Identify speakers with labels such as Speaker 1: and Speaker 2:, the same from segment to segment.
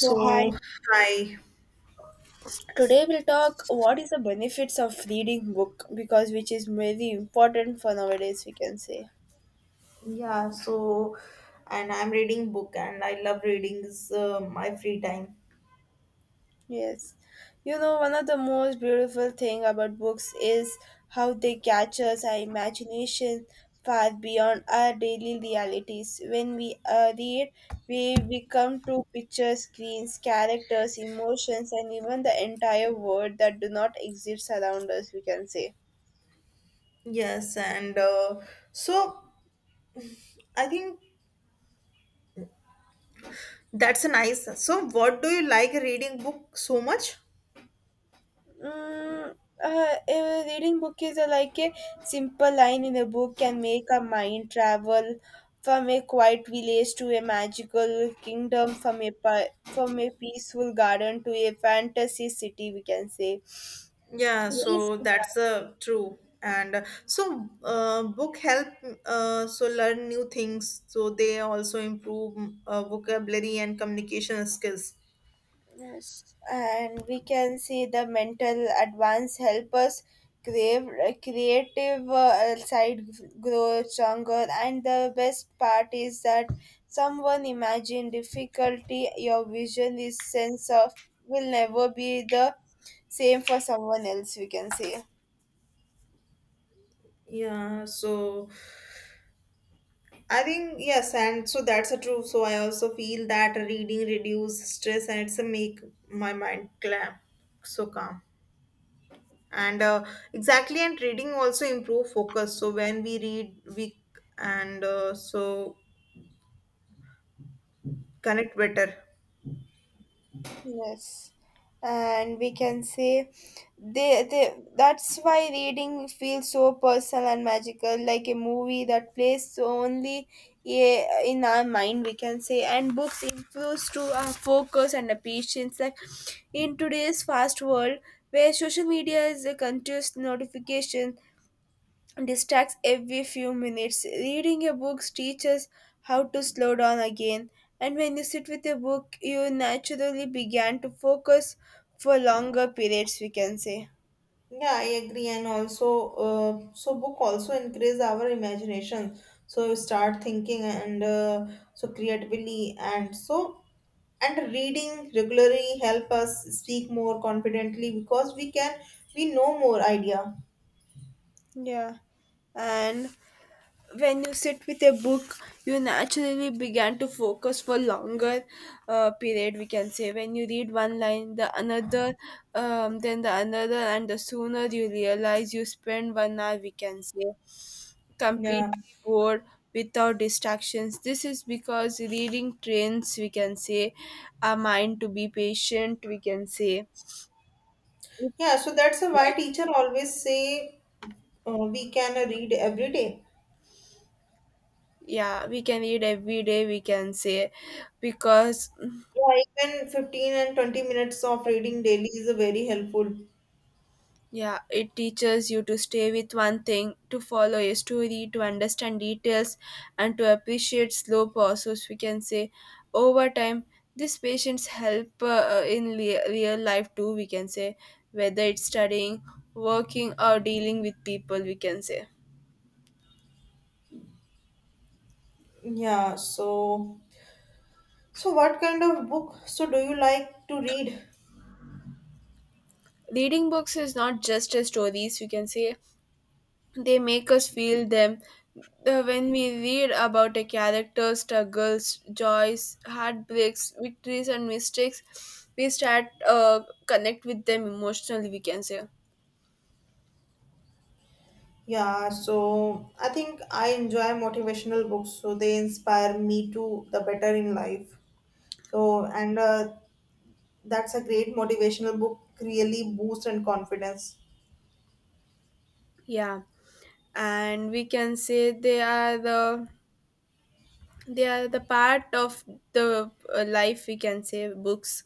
Speaker 1: So hi.
Speaker 2: hi.
Speaker 1: Today we'll talk what is the benefits of reading book because which is very important for nowadays we can say.
Speaker 2: Yeah, so and I'm reading book and I love readings my free time.
Speaker 1: Yes. You know one of the most beautiful thing about books is how they captures our imagination far beyond our daily realities. When we read we become to picture screens, characters, emotions and even the entire world that do not exist around us we can say.
Speaker 2: Yes, and so I think that's a nice. So what do you like reading book so much?
Speaker 1: Mm, a reading book is like a simple line in a book can make a mind travel from a quiet village to a magical kingdom, from a peaceful garden to a fantasy city. We can say
Speaker 2: Yeah,
Speaker 1: this.
Speaker 2: so that's true. And so book help so learn new things. So they also improve vocabulary and communication skills.
Speaker 1: Yes, and we can see the mental advance help us crave, creative side grow stronger. And the best part is that someone imagine difficulty, your vision, is sense of will never be the same for someone else. We can say.
Speaker 2: Yeah, so I think yes, and so that's a true. So I also feel that reading reduce stress and it's a make my mind calm, so calm. And exactly, and reading also improve focus. So when we read, we and so connect better.
Speaker 1: Yes, and we can say they that's why reading feels so personal and magical, like a movie that plays only in our mind. We can say, and books improves to our focus and our patience. Like in today's fast world, where social media is a continuous notification, distracts every few minutes. Reading a book teaches how to slow down again, and when you sit with a book, you naturally began to focus for longer periods, we can say.
Speaker 2: Yeah, I agree, and also, so book also increase our imagination. So you start thinking and so creatively, and so and reading regularly help us speak more confidently because we know more idea.
Speaker 1: Yeah. And when you sit with a book you naturally began to focus for longer period we can say when you read one line the another, then the another and the sooner you realize you spend 1 hour we can say
Speaker 2: Yeah,
Speaker 1: completely bored without distractions. This is because reading trains we can say our mind to be patient we can say it's
Speaker 2: yeah. So that's why
Speaker 1: like,
Speaker 2: teacher always say we can read every day.
Speaker 1: yeah, we can read every day we can say because
Speaker 2: Yeah, even 15 and 20 minutes of reading daily is very helpful.
Speaker 1: yeah, it teaches you to stay with one thing, to follow a story, to understand details, and to appreciate slow process. We can say over time, these patients help real life too. We can say whether it's studying, working, or dealing with people. We can say
Speaker 2: Yeah, So, what kind of book so do you like to read?
Speaker 1: reading books is not just a stories. We can say they make us feel them. When we read about a character's struggles, joys, heartbreaks, victories and mistakes we start uh, connect with them emotionally we can say.
Speaker 2: Yeah, so I think I enjoy motivational books, so they inspire me to the better in life. So, and that's a great motivational book, really boost and confidence.
Speaker 1: Yeah, and we can say they are the they are the part of the life we can say books,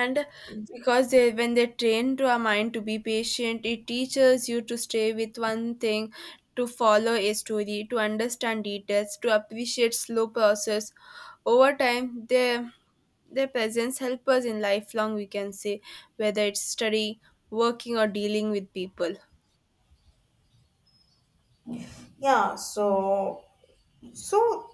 Speaker 1: and because they when they train to our mind to be patient it teaches you to stay with one thing, to follow a story, to understand details, to appreciate slow process over time their presence help us in lifelong we can say whether it's study, working or dealing with people.
Speaker 2: Yeah, so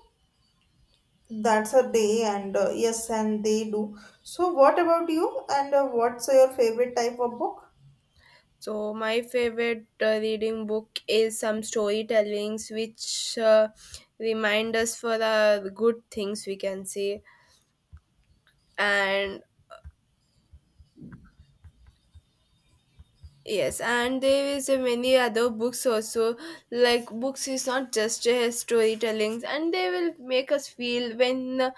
Speaker 2: that's a day, and yes, and they do. So, what about you? And what's your favorite type of book?
Speaker 1: So my favorite reading book is some storytellings which remind us for the good things we can say. And yes, and there is a many other books also. Like books is not just a storytelling, and they will make us feel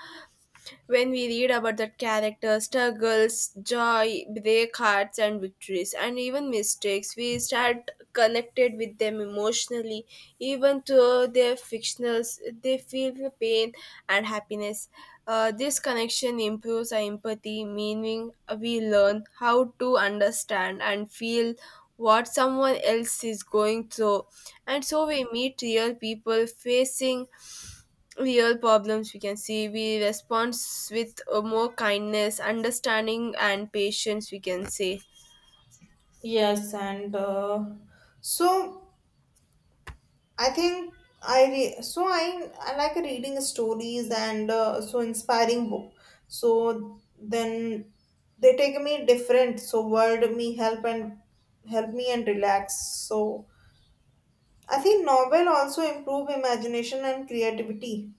Speaker 1: when we read about that character struggles, joy, break hearts, and victories, and even mistakes, we start connected with them emotionally, even though they're fictionals, they feel the pain and happiness. This connection improves our empathy, meaning we learn how to understand and feel what someone else is going through. And so we meet real people facing real problems we can see we respond with more kindness, understanding and patience we can say.
Speaker 2: Yes, and so. I think I like reading stories and so inspiring book. So then they take me different. So world me help and help me and relax. So I think novel also improve imagination and creativity.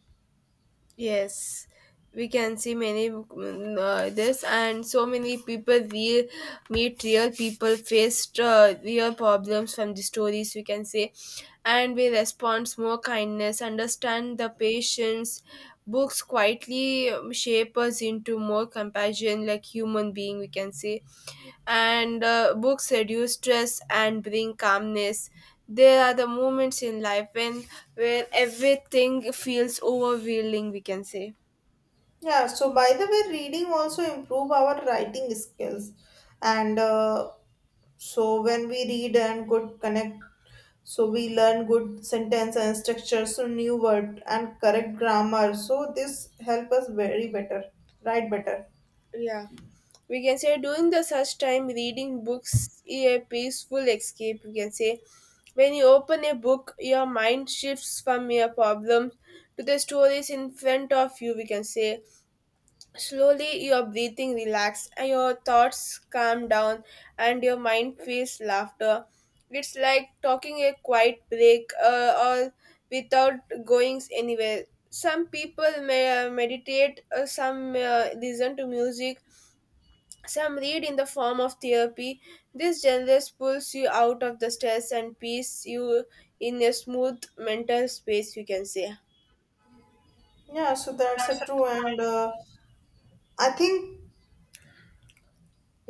Speaker 1: Yes, we can see many mm, this and so many people we meet real people faced real problems from the stories we can say and we respond more kindness understand the patience. Books quietly shape us into more compassion like human being we can say. And books reduce stress and bring calmness. There are the moments in life when where everything feels overwhelming we can say.
Speaker 2: Yeah. So by the way, reading also improve our writing skills, and so when we read and good connect so we learn good sentence and structure so new word and correct grammar so this help us very better write better.
Speaker 1: Yeah. We can say during the such time reading books is a peaceful escape we can say when you open a book your mind shifts from your problems to the stories in front of you we can say. Slowly, your breathing relaxes and your thoughts calm down, and your mind feels laughter. It's like talking a quiet break or without going anywhere. Some people may meditate, some listen to music, some read in the form of therapy. This genres pulls you out of the stress and peace you in a smooth mental space, you can say.
Speaker 2: Yeah, so that's a true, and I think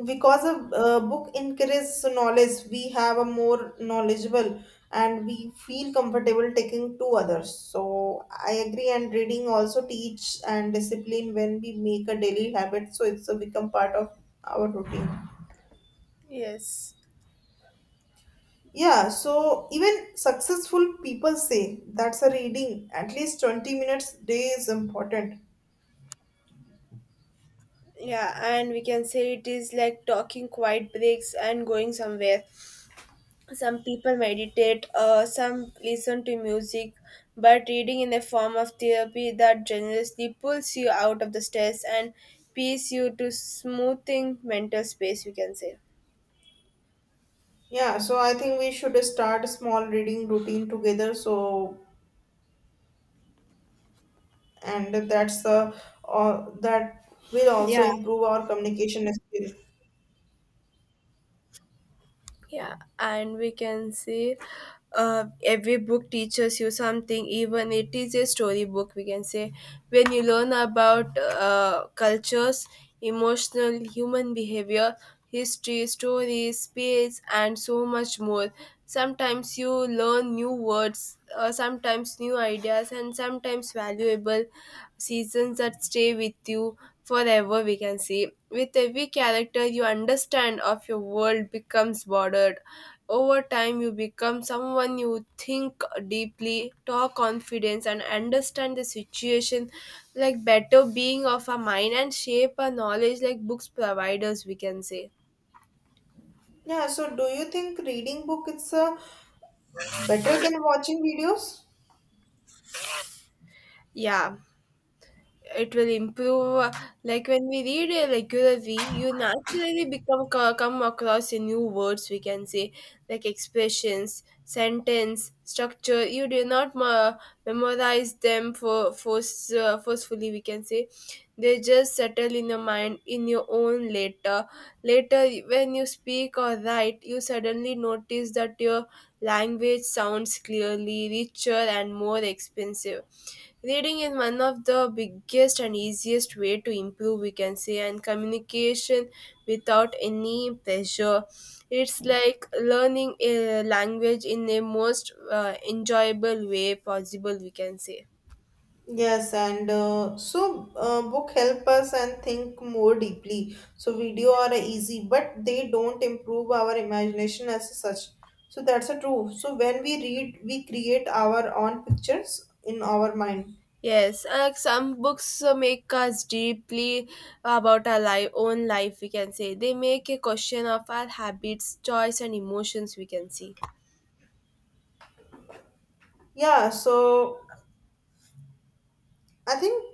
Speaker 2: because a book increases knowledge. We have a more knowledgeable and we feel comfortable taking to others, so I agree, and reading also teach and discipline when we make a daily habit so it's a become part of our routine.
Speaker 1: Yes.
Speaker 2: Yeah, so even successful people say that's a reading. At least 20 minutes day is important.
Speaker 1: Yeah, and we can say it is like talking quiet breaks and going somewhere. Some people meditate, some listen to music, but reading in the form of therapy that generously pulls you out of the stress and peace you to smoothing mental space, we can say.
Speaker 2: Yeah, so I think we should start a small reading routine together. So, and that will also
Speaker 1: Yeah,
Speaker 2: improve our communication skill.
Speaker 1: yeah, and we can see every book teaches you something, even it is a storybook. We can say when you learn about cultures, emotional human behavior, history, stories, space, and so much more. Sometimes you learn new words, sometimes new ideas, and sometimes valuable seasons that stay with you forever we can say. With every character you understand of your world becomes bordered over time you become someone you think deeply, talk confidence and understand the situation like better being of a mind and shape a knowledge like books providers we can say.
Speaker 2: Yeah, so do you think reading book is better than watching videos?
Speaker 1: Yeah, it will improve like when we read it regularly you naturally come across a new words we can say like expressions, sentence structure you do not memorize them for force, forcefully we can say. They just settle in your mind in your own later. Later when you speak or write you suddenly notice that your language sounds clearly richer and more expensive. Reading is one of the biggest and easiest way to improve, we can say, and communication without any pressure. It's like learning a language in a most enjoyable way possible, we can say.
Speaker 2: Yes, and so book help us and think more deeply. So video are easy, but they don't improve our imagination as such. So that's a true. So when we read, we create our own pictures in our mind.
Speaker 1: Yes, some books make us deeply about our life, own life, we can say. They make a question of our habits, choice, and emotions, we can see.
Speaker 2: Yeah. So I think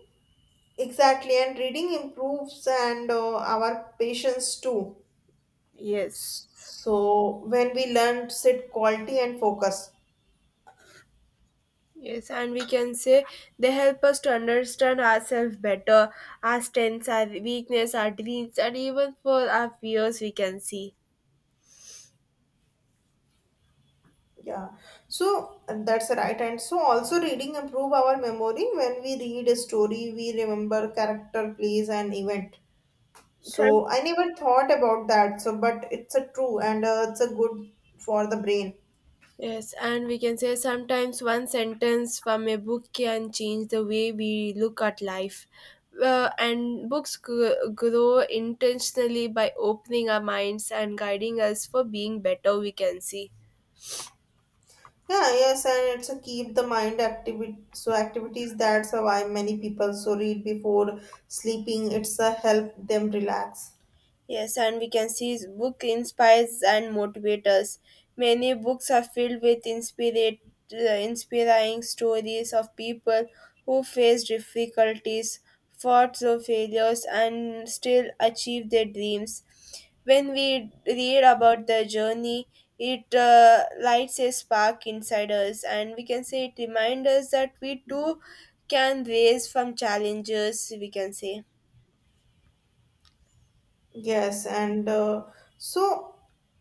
Speaker 2: exactly, and reading improves and our patience too.
Speaker 1: Yes.
Speaker 2: So when we learn, sit quality and focus.
Speaker 1: Yes, and we can say they help us to understand ourselves better, our strengths, our weakness, our dreams, and even for our fears, we can see.
Speaker 2: Yeah, so and that's right. And so also reading improve our memory. When we read a story, we remember character, place, and event.
Speaker 1: Some-
Speaker 2: So I never thought about that. So, but it's a true, and it's a good for the brain.
Speaker 1: yes, and we can say sometimes one sentence from a book can change the way we look at life. And books grow intentionally by opening our minds and guiding us for being better, we can see.
Speaker 2: Yeah, yes, and it's a keep the mind active. So activities that's why many people so read before sleeping. It's a help them relax.
Speaker 1: Yes, and we can see his book inspires and motivates us. Many books are filled with inspiring stories of people who faced difficulties, fought through failures, and still achieved their dreams. When we read about their journey, it lights a spark inside us, and we can say it reminds us that we too can raise from challenges, we can say.
Speaker 2: Yes, and so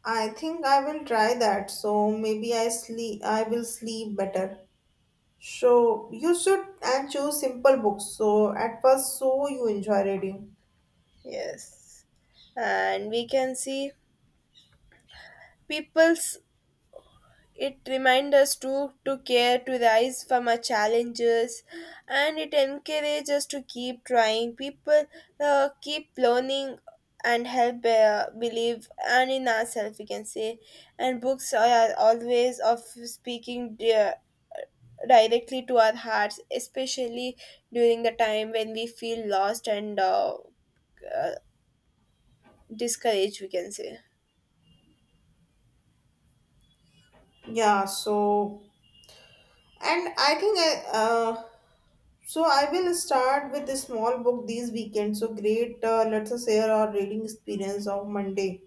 Speaker 2: I think I will try that. So maybe I will sleep better. So you should and choose simple books. So at first, so you enjoy reading.
Speaker 1: Yes. And we can see people's it remind us to care to rise from our challenges and it encourages us to keep trying people keep learning and help believe and in ourselves we can say. And books are always of speaking directly to our hearts especially during the time when we feel lost and uh, discouraged we can say.
Speaker 2: Yeah. So and I think I will start with a small book these weekend. So great. Let's us share our reading experience of Monday.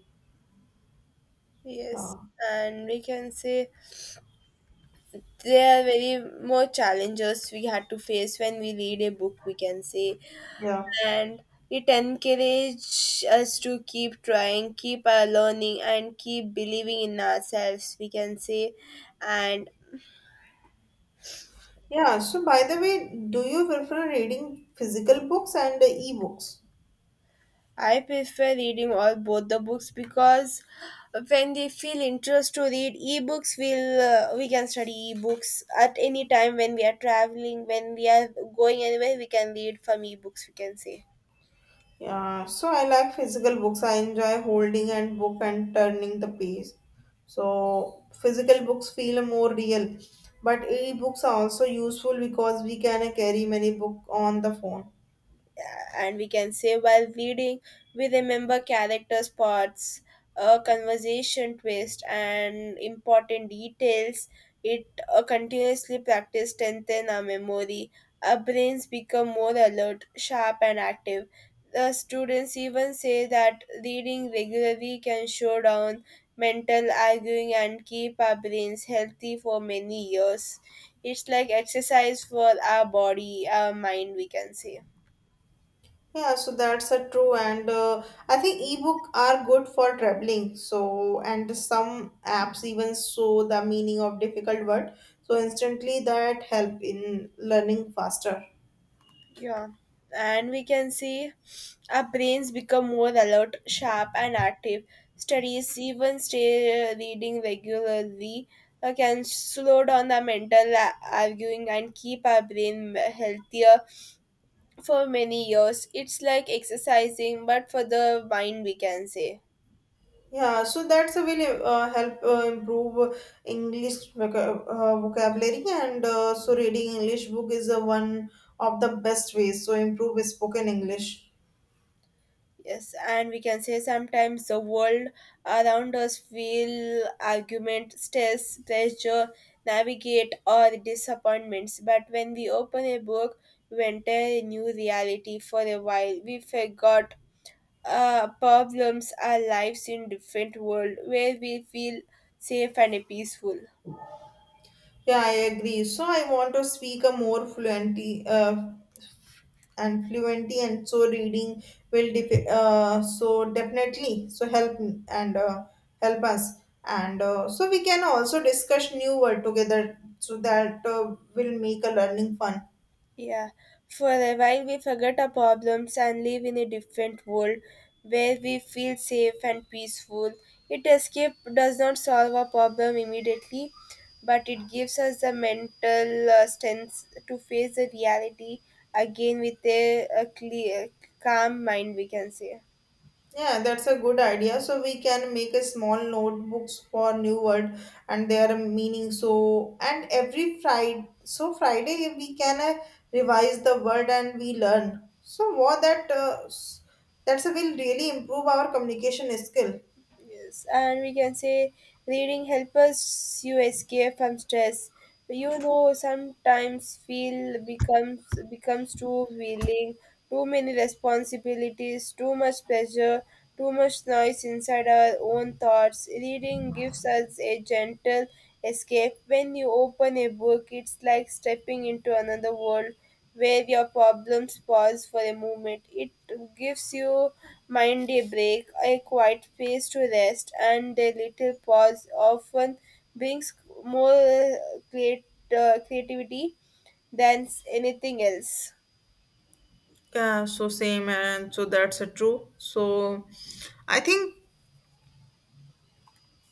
Speaker 1: Yes,
Speaker 2: Yeah.
Speaker 1: and we can say there are very more challenges we had to face when we read a book, we can say.
Speaker 2: Yeah.
Speaker 1: And it encourages us to keep trying, keep learning, and keep believing in ourselves, we can say. And
Speaker 2: Yeah. So by the way, do you prefer reading physical books and e-books?
Speaker 1: I prefer reading all both the books because when they feel interest to read ebooks, we'll we can study ebooks at any time when we are traveling, when we are going anywhere, we can read from ebooks, we can say.
Speaker 2: Yeah, so I like physical books. I enjoy holding and book and turning the page. So physical books feel more real, but e-books are also useful because we can carry many book on the phone.
Speaker 1: And we can say while reading we remember character spots, a conversation twist and important details. It continuously practice strengthen our memory, our brains become more alert, sharp and active. The students even say that reading regularly can show down mental arguing and keep our brains healthy for many years. It's like exercise for our body, our mind we can say.
Speaker 2: Yeah, so that's a true, and I think e-book are good for traveling. So and some apps even show the meaning of difficult word. So instantly that help in learning faster.
Speaker 1: Yeah, and we can see our brains become more alert, sharp, and active. Studies, even stay reading regularly, can slow down the mental arguing and keep our brain healthier for many years. It's like exercising, but for the mind, we can say.
Speaker 2: Yeah, so that's a will help improve English vocabulary, and so reading English book is one of the best ways so improve spoken English.
Speaker 1: Yes, and we can say sometimes the world around us feel argument, stress, pressure, navigate or disappointments. But when we open a book, we enter a new reality for a while. We forgot problems, our lives in different world where we feel safe and peaceful.
Speaker 2: Yeah, I agree. So I want to speak a more fluently and fluently, and so reading will definitely so help us, and so we can also discuss new word together, so that will make a learning fun.
Speaker 1: Yeah, for a while we forget our problems and live in a different world where we feel safe and peaceful. It escape does not solve our problem immediately, but it gives us the mental strength to face the reality again with a clear, calm mind, we can say.
Speaker 2: Yeah, that's a good idea. So we can make a small notebooks for new word and their meaning. So and every Friday we can revise the word and we learn. So what that that's a will really improve our communication skill.
Speaker 1: Yes, and we can say reading helps us you escape from stress. You know, sometimes feel becomes too willing, too many responsibilities, too much pressure, too much noise inside our own thoughts. Reading gives us a gentle escape. When you open a book, it's like stepping into another world where your problems pause for a moment. It gives you mind a break, a quiet space to rest, and a little pause often brings more create, creativity than anything else.
Speaker 2: Yeah, so same, and so that's a true. So I think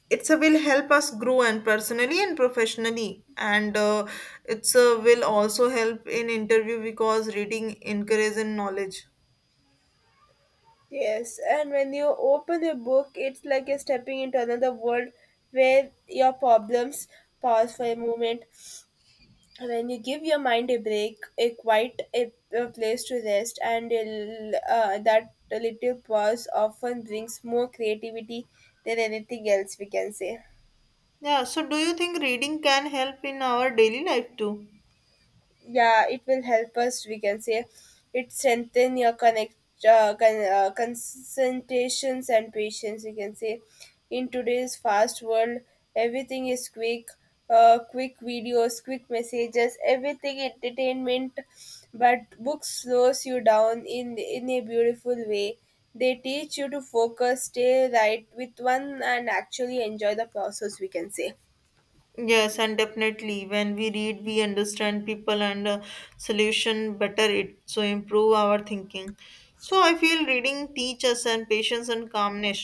Speaker 2: it's a will help us grow and personally and professionally and it's a will also help in interview because reading encourages in knowledge.
Speaker 1: Yes, and when you open a book, it's like you're stepping into another world where your problems pause for a moment when you give your mind a break, a quiet a place to rest, and that little pause often brings more creativity than anything else we can say.
Speaker 2: Yeah, so do you think reading can help in our daily life too?
Speaker 1: Yeah, it will help us, we can say. It strengthen your concentrations and patience, we can say. In today's fast world, everything is quick, quick videos, quick messages, everything entertainment, but books slows you down in a beautiful way. They teach you to focus, stay right with one, and actually enjoy the process, we can say.
Speaker 2: Yes, and definitely when we read we understand people and solution better it so improve our thinking. So I feel reading teaches and patience and calmness.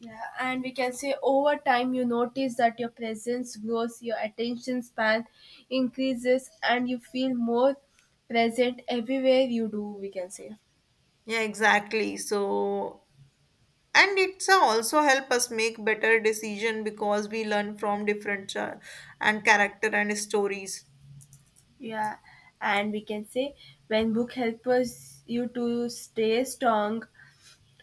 Speaker 1: Yeah, and we can say over time you notice that your presence grows, your attention span increases, and you feel more present everywhere you do, we can say.
Speaker 2: Yeah, exactly, so and it's also help us make better decision because we learn from different and character and stories.
Speaker 1: Yeah, and we can say when book helps you to stay strong,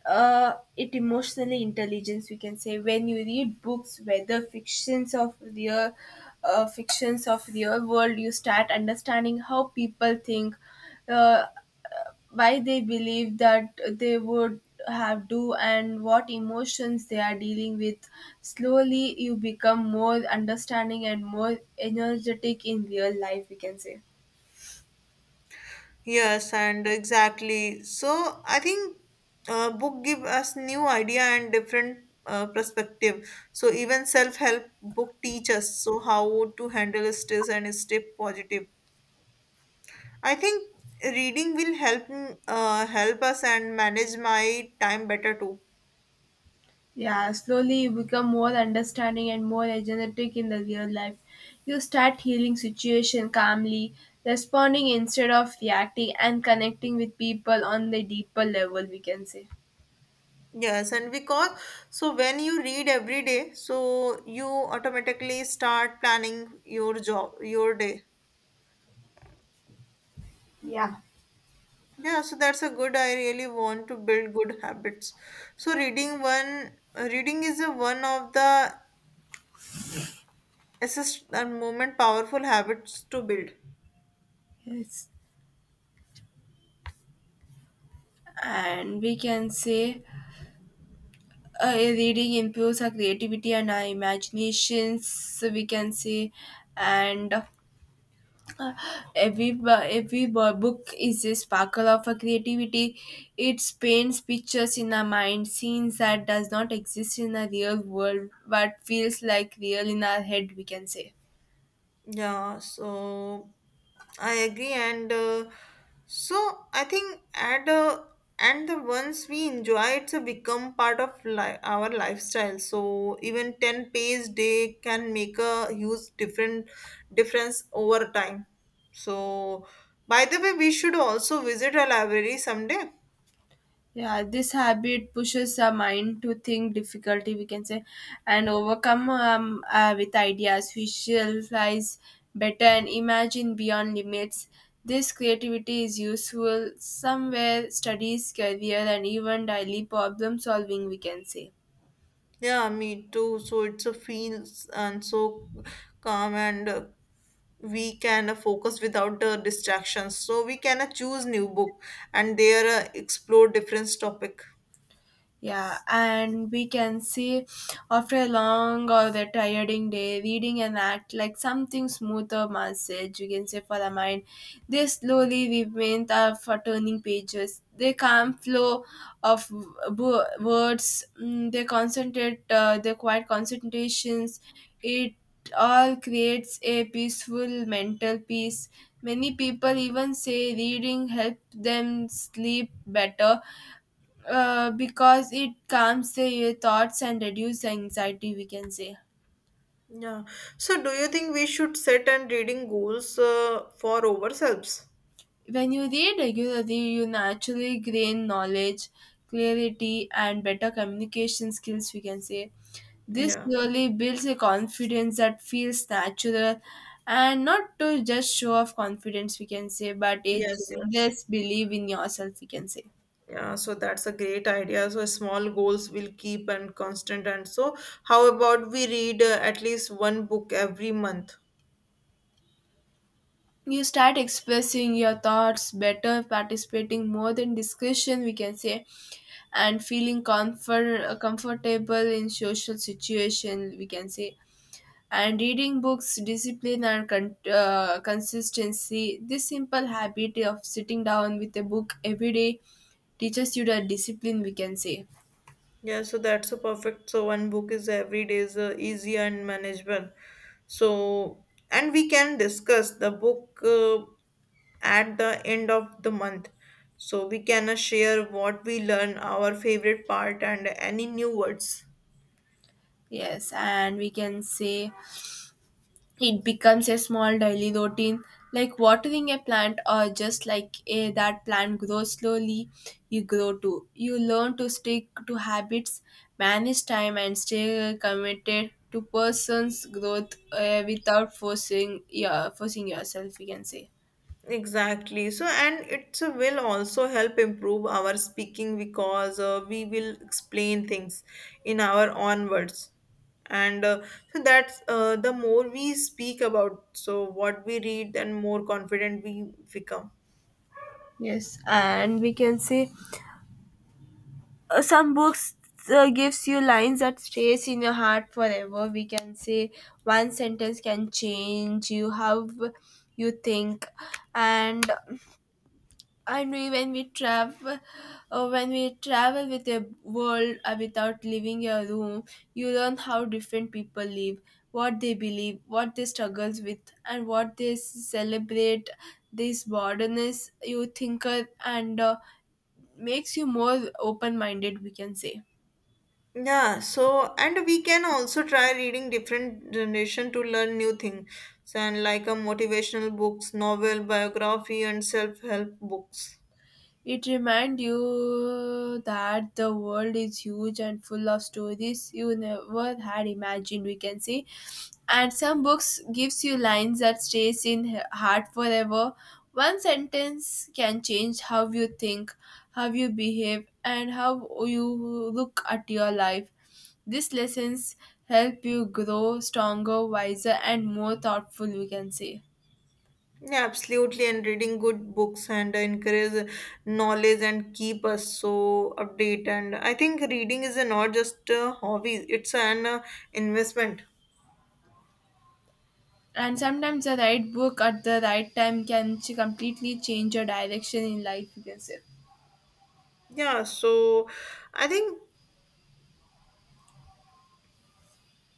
Speaker 1: it emotionally intelligence, we can say. When you read books, whether fictions of real world, you start understanding how people think, uh, why they believe that they would have do and what emotions they are dealing with. Slowly you become more understanding and more energetic in real life, we can say.
Speaker 2: Yes, and exactly, so I think book give us new idea and different perspective. So even self-help book teach us so how to handle stress and stay positive. I think reading will help us and manage my time better too.
Speaker 1: Yeah, slowly you become more understanding and more empathetic in the real life. You start healing situation calmly, responding instead of reacting, and connecting with people on the deeper level, we can say.
Speaker 2: Yes, and because so when you read every day, so you automatically start planning your job, your day. Yeah, so that's a good. I really want to build good habits. So reading is a one of the assist and moment powerful habits to build.
Speaker 1: Yes. And we can say reading improves our creativity and our imaginations, so we can say. And Uh, Every, bu- every book is a sparkle of a creativity. It paints pictures in our mind, scenes that does not exist in a real world, but feels like real in our head, we can say.
Speaker 2: Yeah, so I agree, and so I think at and the ones we enjoy, it's a become part of our lifestyle. So even ten pays day can make a huge different difference over time. So by the way, we should also visit a library someday.
Speaker 1: Yeah, this habit pushes our mind to think difficulty, we can say, and overcome with ideas, visualize better, and imagine beyond limits. This creativity is useful somewhere, studies, career, and even daily problem solving, we can say.
Speaker 2: Yeah, me too. So it's a feels and so calm and. We can focus without the distractions, so we can choose new book and there explore different topic.
Speaker 1: Yeah, and we can see after a long or the tiring day, reading an act like something smoother massage, you can say, for the mind. They slowly remain are for turning pages. They calm flow of words. Mm, they concentrate. They quiet concentrations. It all creates a peaceful mental peace. Many people even say reading helps them sleep better because it calms the thoughts and reduces anxiety, we can say.
Speaker 2: Yeah. So, do you think we should set and reading goals for ourselves?
Speaker 1: When you read regularly, you naturally gain knowledge, clarity, and better communication skills, we can say. This
Speaker 2: Yeah.
Speaker 1: really builds a confidence that feels natural and not to just show off confidence, we can say, but a
Speaker 2: Yes, yes.
Speaker 1: generous belief in yourself, we can say.
Speaker 2: Yeah, so that's a great idea. So small goals will keep and constant. And so, how about we read at least one book every month?
Speaker 1: You start expressing your thoughts better, participating more in discussion, we can say, and feeling comfortable in social situation, we can say. And reading books discipline and consistency, this simple habit of sitting down with a book every day teaches you the discipline, we can say.
Speaker 2: Yeah, so that's a perfect. So one book is every day is easy and manageable. So and we can discuss the book at the end of the month. So we can share what we learn, our favorite part, and any new words.
Speaker 1: Yes, and we can say it becomes a small daily routine, like watering a plant, or just like that plant grows slowly, you grow too. You learn to stick to habits, manage time, and stay committed to person's growth without forcing, yeah, forcing yourself, we can say.
Speaker 2: Exactly. So, and it will also help improve our speaking because we will explain things in our own words. And so that's the more we speak about, so what we read, then more confident we become.
Speaker 1: Yes, and we can say some books gives you lines that stays in your heart forever, we can say. One sentence can change you how you think. And when we travel, when we travel with a world without leaving your room, you learn how different people live, what they believe, what they struggles with, and what they celebrate. This broadness you thinker and makes you more open minded, we can say.
Speaker 2: Yeah, so and we can also try reading different generation to learn new things, and like a motivational books, novel, biography, and self-help books.
Speaker 1: It reminds you that the world is huge and full of stories you never had imagined, we can say. And some books gives you lines that stays in heart forever. One sentence can change how you think, how you behave, and how you look at your life. These lessons help you grow stronger, wiser, and more thoughtful, we can say.
Speaker 2: Yeah, absolutely. And reading good books and encourage knowledge and keep us so update. And I think reading is a not just a hobby; it's an investment.
Speaker 1: And sometimes the right book at the right time can completely change your direction in life, you can say.
Speaker 2: Yeah. So I think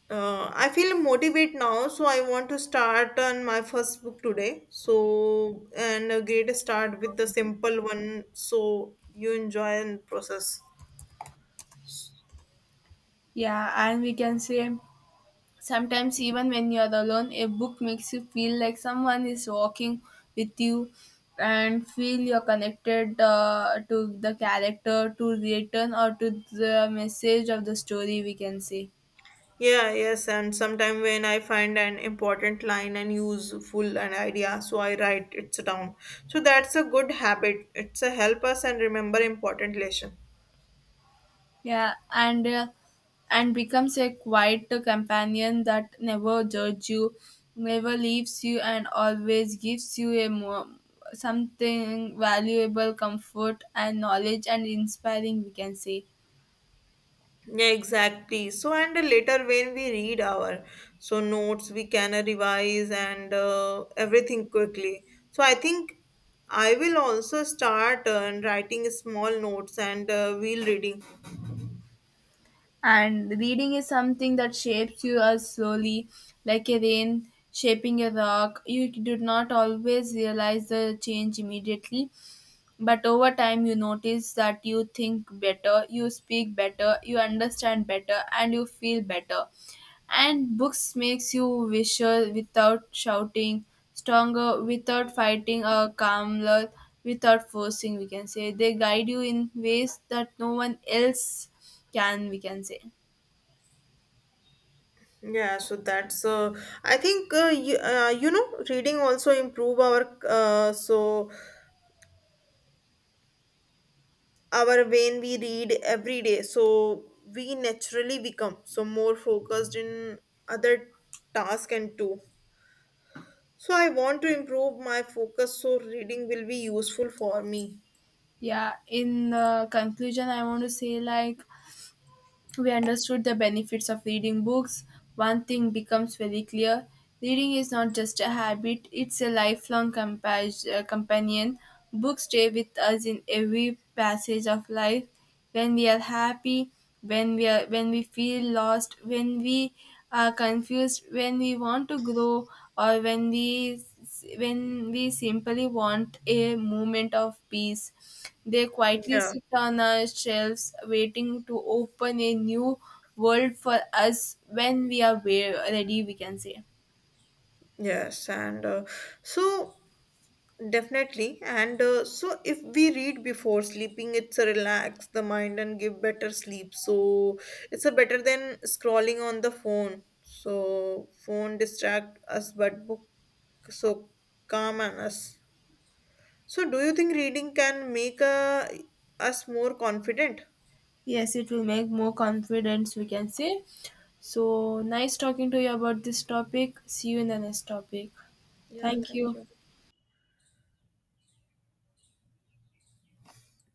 Speaker 2: I feel motivated now. So I want to start on my first book today. So and a great start with the simple one. So you enjoy and process.
Speaker 1: Yeah, and we can say sometimes even when you're alone, a book makes you feel like someone is walking with you and feel you're connected, to the character, to the return, or to the message of the story, we can say.
Speaker 2: Yeah, yes, and sometime when I find an important line and useful an idea, so I write it down. So that's a good habit. It's a help us and remember important lesson.
Speaker 1: Yeah, and becomes a quiet companion that never judges you, never leaves you, and always gives you a more, something valuable, comfort and knowledge and inspiring, we can say.
Speaker 2: Yeah, exactly. So and later when we read our so notes, we can revise and everything quickly. So I think I will also start writing small notes and wheel reading.
Speaker 1: And reading is something that shapes you as slowly, like a rain shaping a rock. You do not always realize the change immediately, but over time, you notice that you think better, you speak better, you understand better, and you feel better. And books makes you wiser without shouting, stronger without fighting, or calmer without forcing. We can say they guide you in ways that no one else can, we can say.
Speaker 2: Yeah, so that's I think reading also improve our so our when we read every day so we naturally become so more focused in other task and too. So I want to improve my focus so reading will be useful for me.
Speaker 1: Yeah. In conclusion, I want to say, like, we understood the benefits of reading books, one thing becomes very clear: reading is not just a habit, it's a lifelong companion. Books stay with us in every passage of life, when we are happy, when we feel lost, when we are confused, when we want to grow, or when we simply want a moment of peace. They quietly
Speaker 2: Yeah.
Speaker 1: sit on our shelves, waiting to open a new world for us when we are ready, we can say.
Speaker 2: Yes, and so definitely. And so, if we read before sleeping, it's a relax the mind and give better sleep. So, it's a better than scrolling on the phone. So, phone distract us, but book so calm on us. So, do you think reading can make us more confident?
Speaker 1: Yes, it will make more confidence, we can say. So, nice talking to you about this topic. See you in the next topic.
Speaker 2: Yeah,
Speaker 1: Thank
Speaker 2: thank
Speaker 1: you.
Speaker 2: you.